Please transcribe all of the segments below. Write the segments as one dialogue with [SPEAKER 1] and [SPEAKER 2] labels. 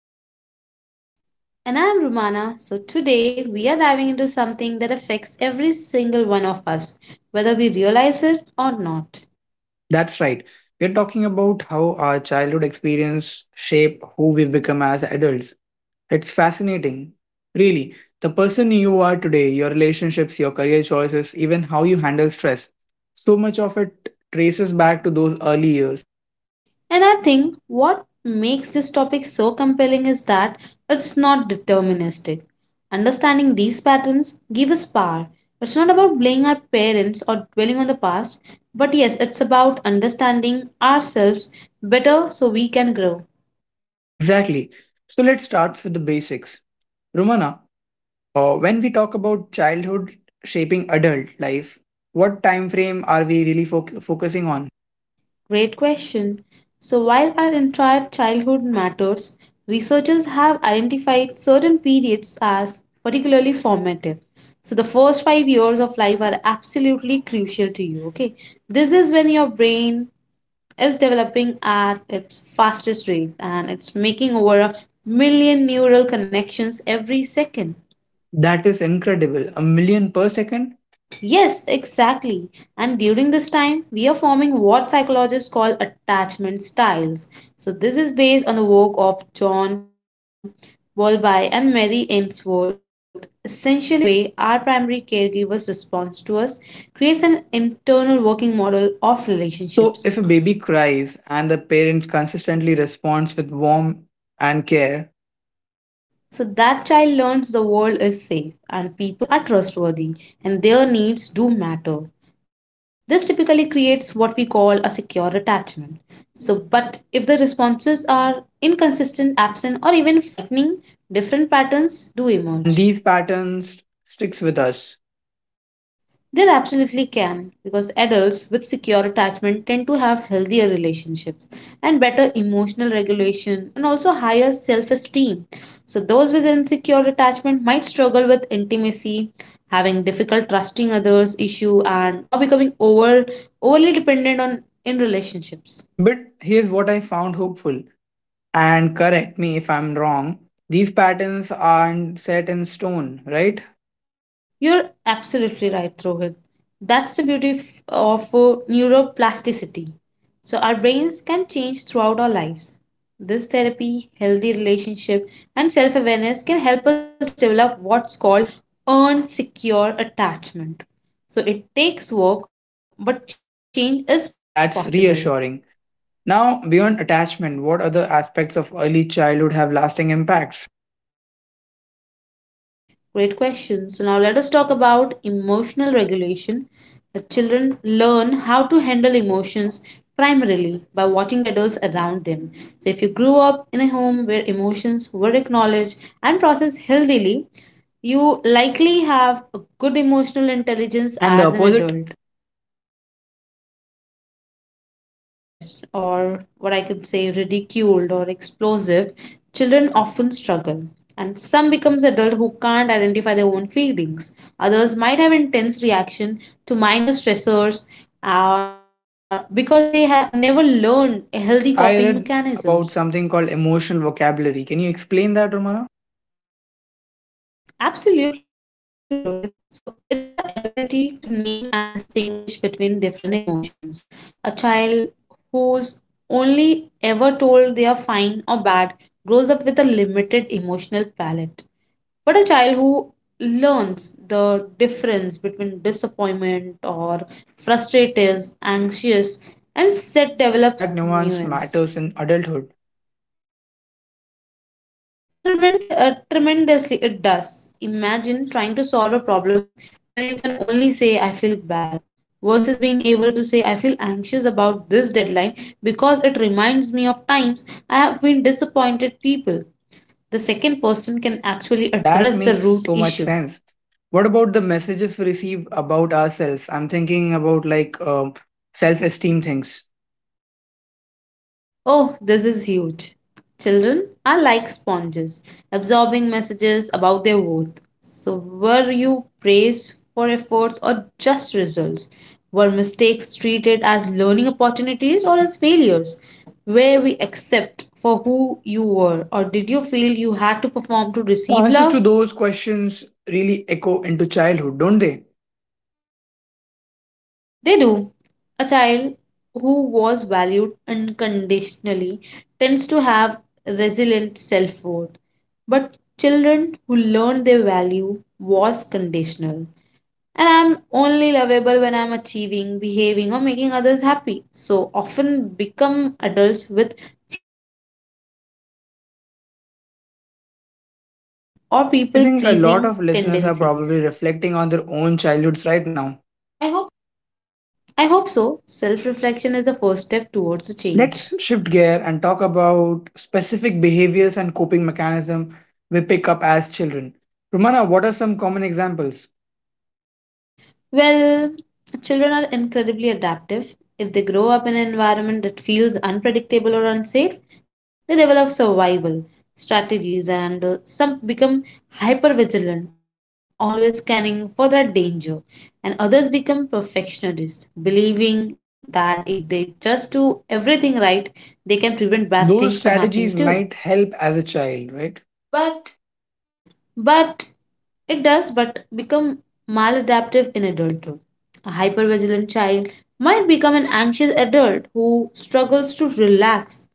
[SPEAKER 1] I'm Rohit.
[SPEAKER 2] And I am Rumana. So, today we are diving into something that affects every single one of us, whether we realize it or not.
[SPEAKER 1] That's right. We're talking about how our childhood experience shape who we become as adults. It's fascinating. Really, the person you are today, your relationships, your career choices, even how you handle stress, so much of it traces back to those early years.
[SPEAKER 2] And I think what makes this topic so compelling is that it's not deterministic. Understanding these patterns gives us power. It's not about blaming our parents or dwelling on the past, but yes, it's about understanding ourselves better so we can grow.
[SPEAKER 1] Exactly. So let's start with the basics. Romana, when we talk about childhood shaping adult life, what time frame are we really focusing on?
[SPEAKER 2] Great question. So, while our entire childhood matters, researchers have identified certain periods as particularly formative. So, the first 5 years of life are absolutely crucial to you. Okay, this is when your brain is developing at its fastest rate and it's making over a million neural connections every second.
[SPEAKER 1] That is incredible. A million per second?
[SPEAKER 2] Yes, exactly. And during this time, we are forming what psychologists call attachment styles. So, this is based on the work of John Bowlby and Mary Ainsworth. Essentially, the way our primary caregiver's response to us creates an internal working model of
[SPEAKER 1] So,
[SPEAKER 2] relationships.
[SPEAKER 1] if a baby cries and the parents consistently responds with warmth and care,
[SPEAKER 2] So that child learns the world is safe and people are trustworthy and their needs do matter. This typically creates what we call a secure attachment. So, but if the responses are inconsistent, absent, or even frightening, different patterns do
[SPEAKER 1] and
[SPEAKER 2] emerge.
[SPEAKER 1] these patterns sticks with us.
[SPEAKER 2] They absolutely can, because adults with secure attachment tend to have healthier relationships and better emotional regulation and also higher self esteem. So, those with insecure attachment might struggle with intimacy, having difficult trusting others issue, and or becoming overly dependent on in relationships.
[SPEAKER 1] But here's what I found hopeful, and correct me if I'm wrong. These patterns aren't set in stone, right?
[SPEAKER 2] You're absolutely right, Rohit. That's the beauty of neuroplasticity. So, our brains can change throughout our lives. This therapy, healthy relationship, and self awareness can help us develop what's called earned secure attachment. So, it takes work, but change is possible.
[SPEAKER 1] That's reassuring. Now, beyond attachment, what other aspects of early childhood have lasting impacts?
[SPEAKER 2] Great question. So now let us talk about emotional regulation. The children learn how to handle emotions primarily by watching the adults around them. So if you grew up in a home where emotions were acknowledged and processed healthily, you likely have a good emotional intelligence
[SPEAKER 1] And the
[SPEAKER 2] as an
[SPEAKER 1] opposite?
[SPEAKER 2] adult. So, if the emotions were suppressed, or what I could say, ridiculed or explosive, children often struggle. And some becomes adult who can't identify their own feelings. Others might have intense reaction to minor stressors because they have never learned healthy
[SPEAKER 1] I
[SPEAKER 2] coping
[SPEAKER 1] read about
[SPEAKER 2] mechanisms.
[SPEAKER 1] something called emotional vocabulary. Can you explain that, Romana?
[SPEAKER 2] Absolutely, Rohit. So it's the ability to name and distinguish between different emotions. A child who's only ever told they are fine or bad grows up with a limited emotional palette. But a child who learns the difference between disappointment or frustrated, anxious, and set
[SPEAKER 1] And that
[SPEAKER 2] develops
[SPEAKER 1] nuance
[SPEAKER 2] nuance.
[SPEAKER 1] matters in adulthood.
[SPEAKER 2] Tremendously, it does. Imagine trying to solve a problem when you can only say, I feel bad, versus being able to say, I feel anxious about this deadline because it reminds me of times I have been disappointed people. The second person can actually
[SPEAKER 1] That
[SPEAKER 2] address the
[SPEAKER 1] makes
[SPEAKER 2] root
[SPEAKER 1] so much
[SPEAKER 2] issue.
[SPEAKER 1] sense. What about the messages we receive about ourselves? I'm thinking about like self esteem things.
[SPEAKER 2] Oh, this is huge. Children are like sponges, absorbing messages about their worth. So, were you praised for efforts or just results? Were mistakes treated as learning opportunities or as failures? Were we accept for who you were, or did you feel you had to perform to
[SPEAKER 1] The
[SPEAKER 2] receive
[SPEAKER 1] answers to
[SPEAKER 2] love?
[SPEAKER 1] those questions really echo into childhood, don't they?
[SPEAKER 2] They do. A child who was valued unconditionally tends to have resilient self worth, but children who learn their value was conditional. And I'm only lovable when I'm achieving, behaving, or making others happy. So often become adults with fragile self esteem, perfectionism, or
[SPEAKER 1] I
[SPEAKER 2] people
[SPEAKER 1] think a lot
[SPEAKER 2] pleasing
[SPEAKER 1] of listeners are
[SPEAKER 2] tendencies.
[SPEAKER 1] probably reflecting on their own childhoods right now.
[SPEAKER 2] I hope so. Self reflection is the first step towards a change.
[SPEAKER 1] Let's shift gear and talk about specific behaviors and coping mechanism we pick up as children. Romana, what are some common examples?
[SPEAKER 2] Well, children are incredibly adaptive. If they grow up in an environment that feels unpredictable or unsafe, they develop survival strategies and some become hyper vigilant, always scanning for that danger, and others become perfectionists, believing that if they just do everything right, they can prevent bad things from
[SPEAKER 1] Those
[SPEAKER 2] happening too.
[SPEAKER 1] strategies might help as a child, right? But
[SPEAKER 2] But it does, but become maladaptive in adulthood. A hypervigilant child might become an anxious adult who struggles to relax.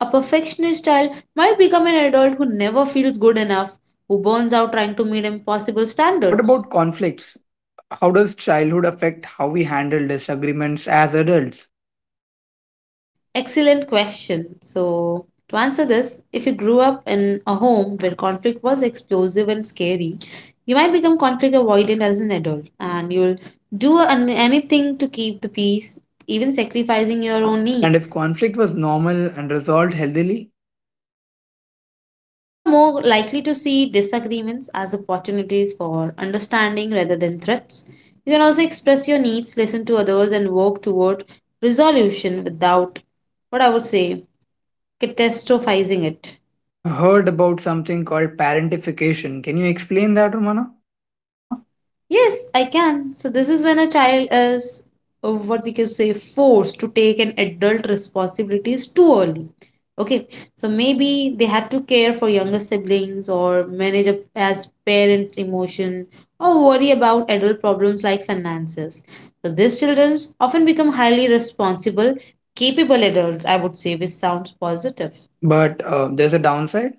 [SPEAKER 2] A perfectionist child might become an adult who never feels good enough, who burns out trying to meet impossible
[SPEAKER 1] what about
[SPEAKER 2] standards.
[SPEAKER 1] conflicts? How does childhood affect how we handle disagreements as adults?
[SPEAKER 2] Excellent question. So, to answer this, if you grew up in a home where conflict was explosive and scary, you might become conflict avoidant as an adult and you'll do anything to keep the peace, even sacrificing your own
[SPEAKER 1] And if
[SPEAKER 2] needs.
[SPEAKER 1] conflict was normal and resolved healthily?
[SPEAKER 2] Then you are more likely to see disagreements as opportunities for understanding rather than threats. You can also express your needs, listen to others, and work toward resolution without what I would say catastrophizing it.
[SPEAKER 1] I've heard about something called parentification. Can you explain that, Romana?
[SPEAKER 2] Yes, I can. So this is when a child is what we can say forced to take an adult responsibilities too early. Okay, so maybe they had to care for younger siblings or manage a, as parent emotion or worry about adult problems like finances. So these children often become highly responsible, capable adults, I would say, which sounds positive.
[SPEAKER 1] But there's a downside.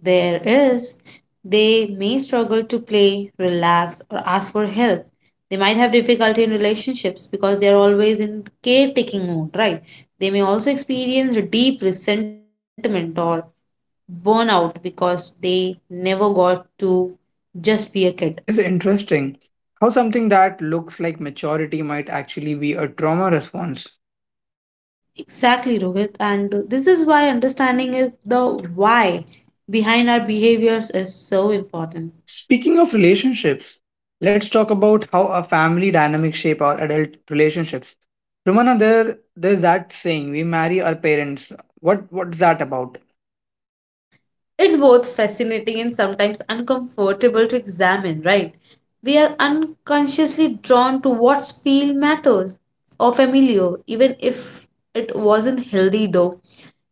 [SPEAKER 2] There is, they may struggle to play, relax, or ask for help. They might have difficulty in relationships because they are always in caretaking mode, right? They may also experience deep resentment or burnout because they never got to just be a kid.
[SPEAKER 1] It is interesting how something that looks like maturity might actually be a trauma response.
[SPEAKER 2] Exactly, Rohit. And this is why understanding is the why behind our behaviors is so important.
[SPEAKER 1] Speaking of relationships, let's talk about how our family dynamics shape our adult relationships. Romana, there's that saying, we marry our parents. What's that about?
[SPEAKER 2] It's both fascinating and sometimes uncomfortable to examine, right? We are unconsciously drawn to what feel matters or familiar, even if it wasn't healthy though.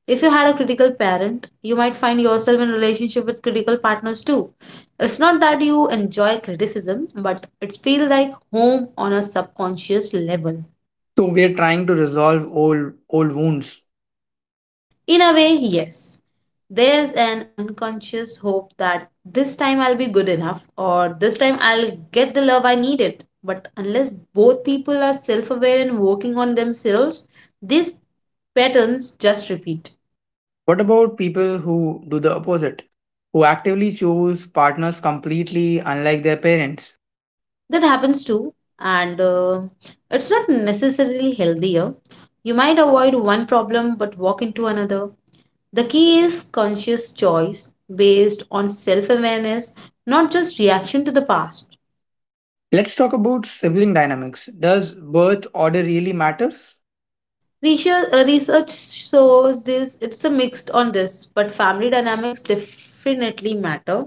[SPEAKER 2] If you had a critical parent, you might find yourself in relationship with critical partners too. It's not that you enjoy criticism, but it feels like home on a subconscious level.
[SPEAKER 1] So we are trying to resolve old wounds.
[SPEAKER 2] In a way, yes. There's an unconscious hope that this time I'll be good enough or this time I'll get the love I needed. But unless both people are self aware and working on themselves, these patterns just repeat.
[SPEAKER 1] What about people who do the opposite? Who actively choose partners completely unlike their parents?
[SPEAKER 2] That happens too, and it's not necessarily healthier. You might avoid one problem but walk into another. The key is conscious choice based on self awareness, not just reaction to the past.
[SPEAKER 1] Let's talk about sibling dynamics. Does birth order really matters?
[SPEAKER 2] Research shows this it's a mixed on this, but family dynamics definitely matter.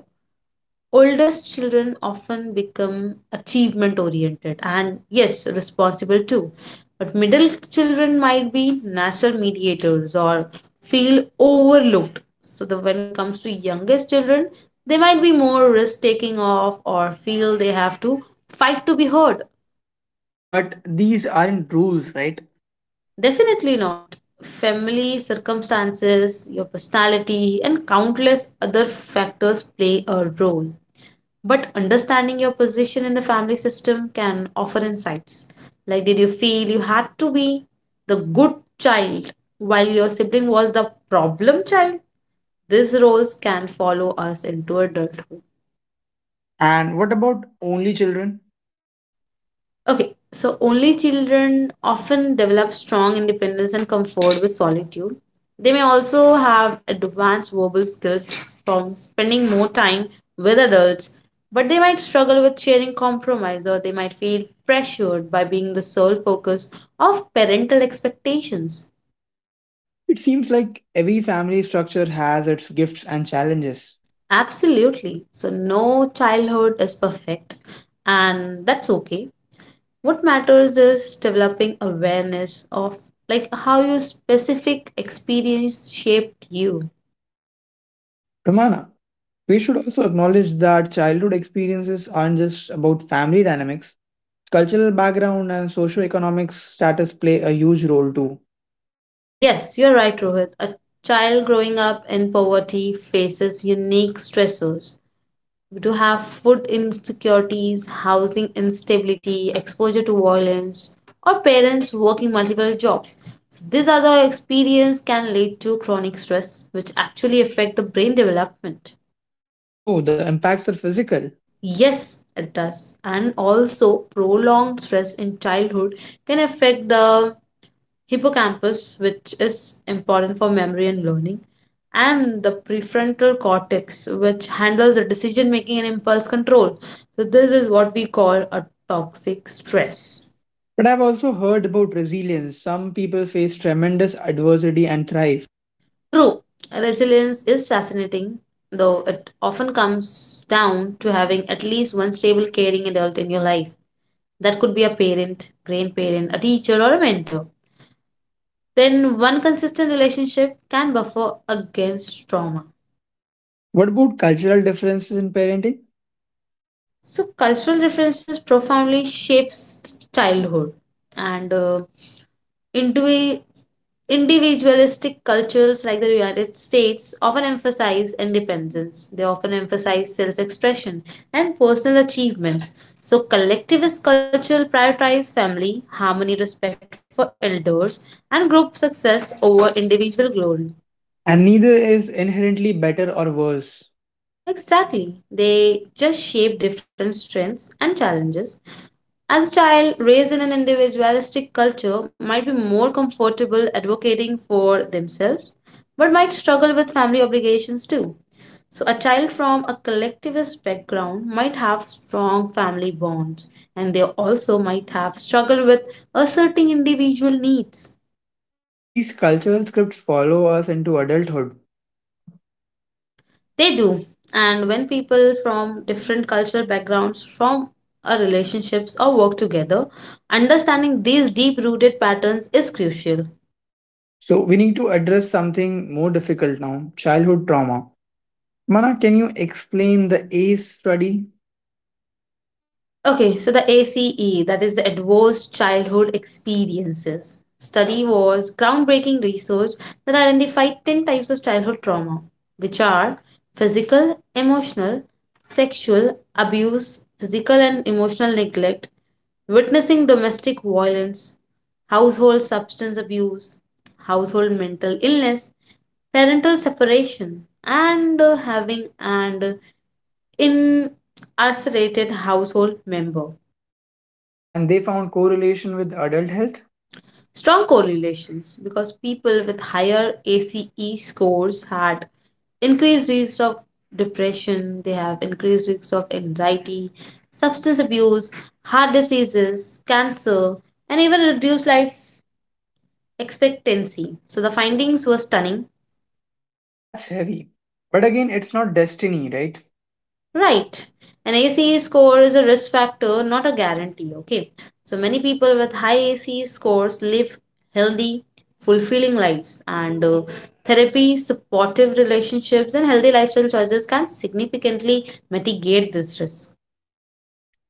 [SPEAKER 2] Oldest children often become achievement oriented and yes, responsible too. But middle children might be natural mediators or feel overlooked. So the when it comes to youngest children, they might be more risk taking off or feel they have to fight to be heard.
[SPEAKER 1] But these aren't rules, right?
[SPEAKER 2] Definitely not. Family circumstances, your personality, and countless other factors play a role. But understanding your position in the family system can offer insights. Like, did you feel you had to be the good child while your sibling was the problem child? These roles can follow us into adulthood.
[SPEAKER 1] And what about only children?
[SPEAKER 2] Okay, so only children often develop strong independence and comfort with solitude. They may also have advanced verbal skills from spending more time with adults, but they might struggle with sharing compromise or they might feel pressured by being the sole focus of parental expectations.
[SPEAKER 1] It seems like every family structure has its gifts and challenges.
[SPEAKER 2] Absolutely. So, no childhood is perfect, and that's okay. What matters is developing awareness of like how your specific experience shaped you.
[SPEAKER 1] Romana, we should also acknowledge that childhood experiences aren't just about family dynamics. Cultural background and socioeconomic status play a huge role too.
[SPEAKER 2] Yes, you're right, Rohit. A child growing up in poverty faces unique stressors. We do have food insecurities, housing instability, exposure to violence, or parents working multiple jobs. So these other experience can lead to chronic stress, which actually affect the brain development.
[SPEAKER 1] Oh, the impacts are physical.
[SPEAKER 2] Yes, it does. And also, prolonged stress in childhood can affect the hippocampus, which is important for memory and learning, and the prefrontal cortex, which handles the decision making and impulse control. So, this is what we call a toxic stress.
[SPEAKER 1] But I've also heard about resilience. Some people face tremendous adversity and thrive.
[SPEAKER 2] True, resilience is fascinating, though it often comes down to having at least one stable, caring adult in your life. That could be a parent, grandparent, a teacher, or a mentor. Then one consistent relationship can buffer against trauma.
[SPEAKER 1] What about cultural differences in parenting?
[SPEAKER 2] So, cultural references profoundly shapes childhood, and indivi- individualistic cultures like the United States often emphasize independence. They often emphasize self-expression and personal achievements. So, collectivist culture prioritize family, harmony, respect for elders, and group success over individual glory.
[SPEAKER 1] And neither is inherently better or worse.
[SPEAKER 2] Exactly. They just shape different strengths and challenges. As a child raised in an individualistic culture might be more comfortable advocating for themselves, but might struggle with family obligations too. So, a child from a collectivist background might have strong family bonds, and they also might have struggled with asserting individual needs.
[SPEAKER 1] These cultural scripts follow us into adulthood.
[SPEAKER 2] They do. And when people from different cultural backgrounds form a relationships or work together, understanding these deep rooted patterns is crucial.
[SPEAKER 1] So we need to address something more difficult now, childhood trauma. Mana, can you explain the ACE study?
[SPEAKER 2] Okay, so the ACE, that is the Advanced Childhood Experiences, study was groundbreaking research that identified 10 types of childhood trauma, which are physical, emotional, sexual abuse, physical and emotional neglect, witnessing domestic violence, household substance abuse, household mental illness, parental separation, and having and incarcerated household member.
[SPEAKER 1] And they found correlation with adult health?
[SPEAKER 2] Strong correlations because people with higher ACE scores had increased risk of depression, they have increased risk of anxiety, substance abuse, heart diseases, cancer, and even reduced life expectancy. So the findings were stunning.
[SPEAKER 1] That's heavy. But again, it's not destiny, right?
[SPEAKER 2] Right. An ACE score is a risk factor, not a guarantee. Okay. So many people with high ACE scores live healthy, fulfilling lives, and therapy, supportive relationships, and healthy lifestyle choices can significantly mitigate this risk.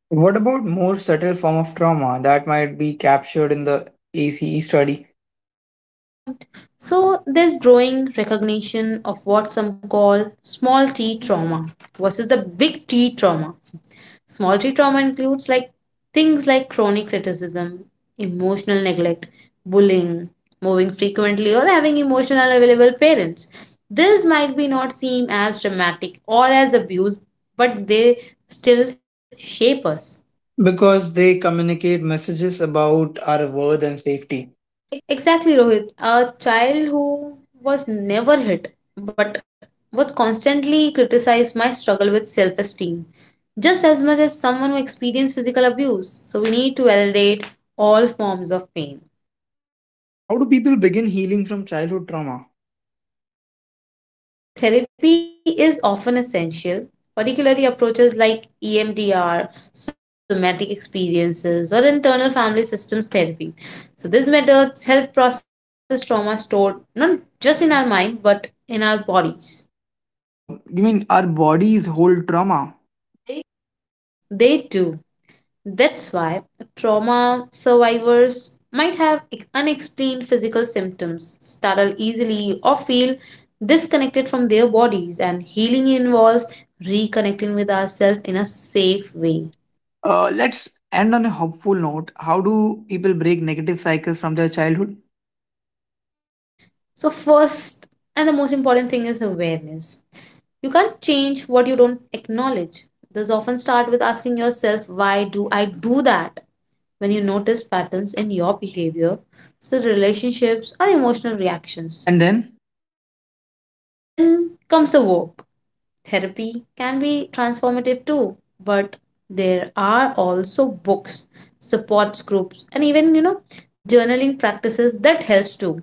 [SPEAKER 1] What about more subtle form of trauma that might be captured in the ACE study?
[SPEAKER 2] Great point. So there's growing recognition of what some call small t trauma versus the big T trauma. Small G trauma includes things like chronic criticism, emotional neglect, bullying, moving frequently, or having emotional available parents. This might be not seem as dramatic or as abuse, but they still shape us.
[SPEAKER 1] Because they communicate messages about our worth and safety.
[SPEAKER 2] Exactly, Rohit. A child who was never hit but was constantly criticized my struggle with self esteem just as much as someone who experienced physical abuse. So we need to validate all forms of pain.
[SPEAKER 1] How do people begin healing from childhood trauma?
[SPEAKER 2] Therapy is often essential, particularly approaches like EMDR, somatic experiences, or internal family systems therapy. So, these methods help process trauma stored not just in our mind but in our bodies.
[SPEAKER 1] So, you mean our bodies hold trauma?
[SPEAKER 2] They do. That's why trauma survivors might have unexplained physical symptoms, startle easily, or feel disconnected from their bodies, and healing involves reconnecting with ourselves in a safe way.
[SPEAKER 1] Let's end on a hopeful note. How do people break negative cycles from their childhood?
[SPEAKER 2] So, first and the most important thing is awareness. You can't change what you don't acknowledge. This often start with asking yourself, why do I do that? When you notice patterns in your behavior, so relationships or emotional reactions.
[SPEAKER 1] And then,
[SPEAKER 2] Then comes the work. Therapy can be transformative too, but there are also books, supports groups, and even journaling practices that helps too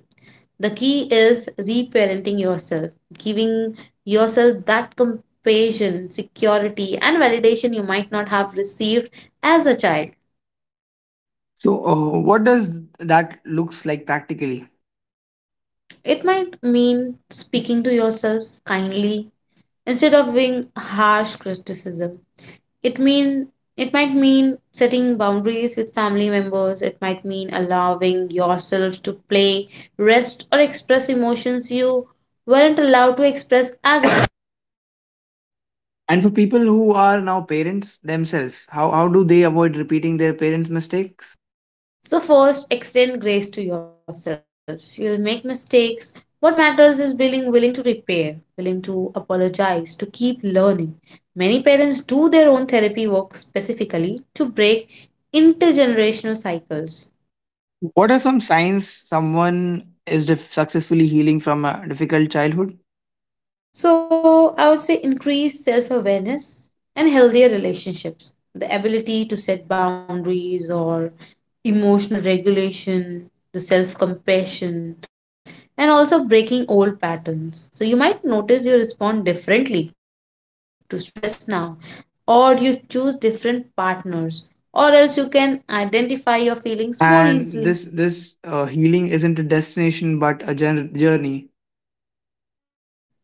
[SPEAKER 2] the key is reparenting yourself, giving yourself that compassion, security, and validation you might not have received as a child.
[SPEAKER 1] so what does that looks like practically?
[SPEAKER 2] It might mean speaking to yourself kindly instead of being harsh criticism. It mean it might mean setting boundaries with family members. It might mean allowing yourself to play, rest, or express emotions you weren't allowed to express as
[SPEAKER 1] And for people who are now parents themselves, how do they avoid repeating their parents'
[SPEAKER 2] a.
[SPEAKER 1] mistakes?
[SPEAKER 2] So, first, extend grace to yourself. You'll make mistakes. What matters is being willing to repair, willing to apologize, to keep learning. Many parents do their own therapy work specifically to break intergenerational cycles.
[SPEAKER 1] What are some signs someone is successfully healing from a difficult childhood?
[SPEAKER 2] So I would say increased self awareness and healthier relationships, the ability to set boundaries or emotional regulation, the self compassion, and also breaking old patterns. So you might notice you respond differently to stress now, or you choose different partners, or else you can identify your feelings more
[SPEAKER 1] And
[SPEAKER 2] easily.
[SPEAKER 1] this healing isn't a destination but a journey.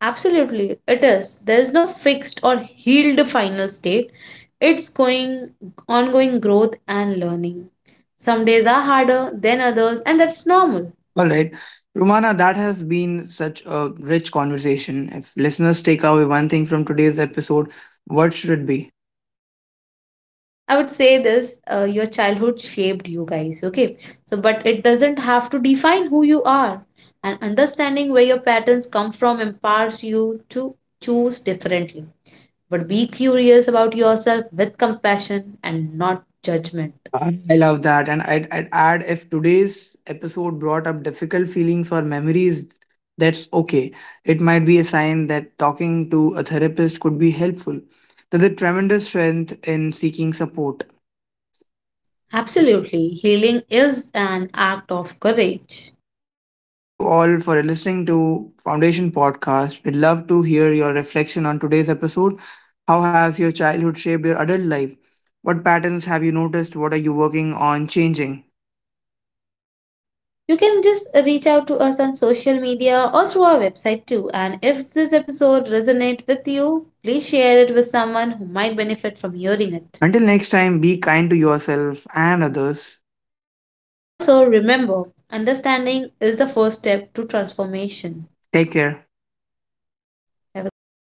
[SPEAKER 2] Absolutely, it is. There is no fixed or healed final state. It's going ongoing growth and learning. Some days are harder than others, and that's normal.
[SPEAKER 1] All right, Romana, that has been such a rich conversation. If listeners take away one thing from today's episode, what should it be?
[SPEAKER 2] I would say this. Your childhood shaped you guys, okay? So, but it doesn't have to define who you are. And understanding where your patterns come from empowers you to choose differently. But be curious about yourself with compassion and not judgment.
[SPEAKER 1] I love that, and I'd add, if today's episode brought up difficult feelings or memories, that's okay. It might be a sign that talking to a therapist could be helpful. There's a tremendous strength in seeking support.
[SPEAKER 2] Absolutely. Healing is an act of courage.
[SPEAKER 1] Thank you all for listening to Foundation Podcast. We'd love to hear your reflection on today's episode. How has your childhood shaped your adult life? What patterns have you noticed? What are you working on changing?
[SPEAKER 2] You can just reach out to us on social media or through our website too. And if this episode resonated with you, please share it with someone who might benefit from hearing it.
[SPEAKER 1] Until next time, be kind to yourself and others.
[SPEAKER 2] Also, remember, understanding is the first step to transformation.
[SPEAKER 1] Take care.
[SPEAKER 2] Have a great day.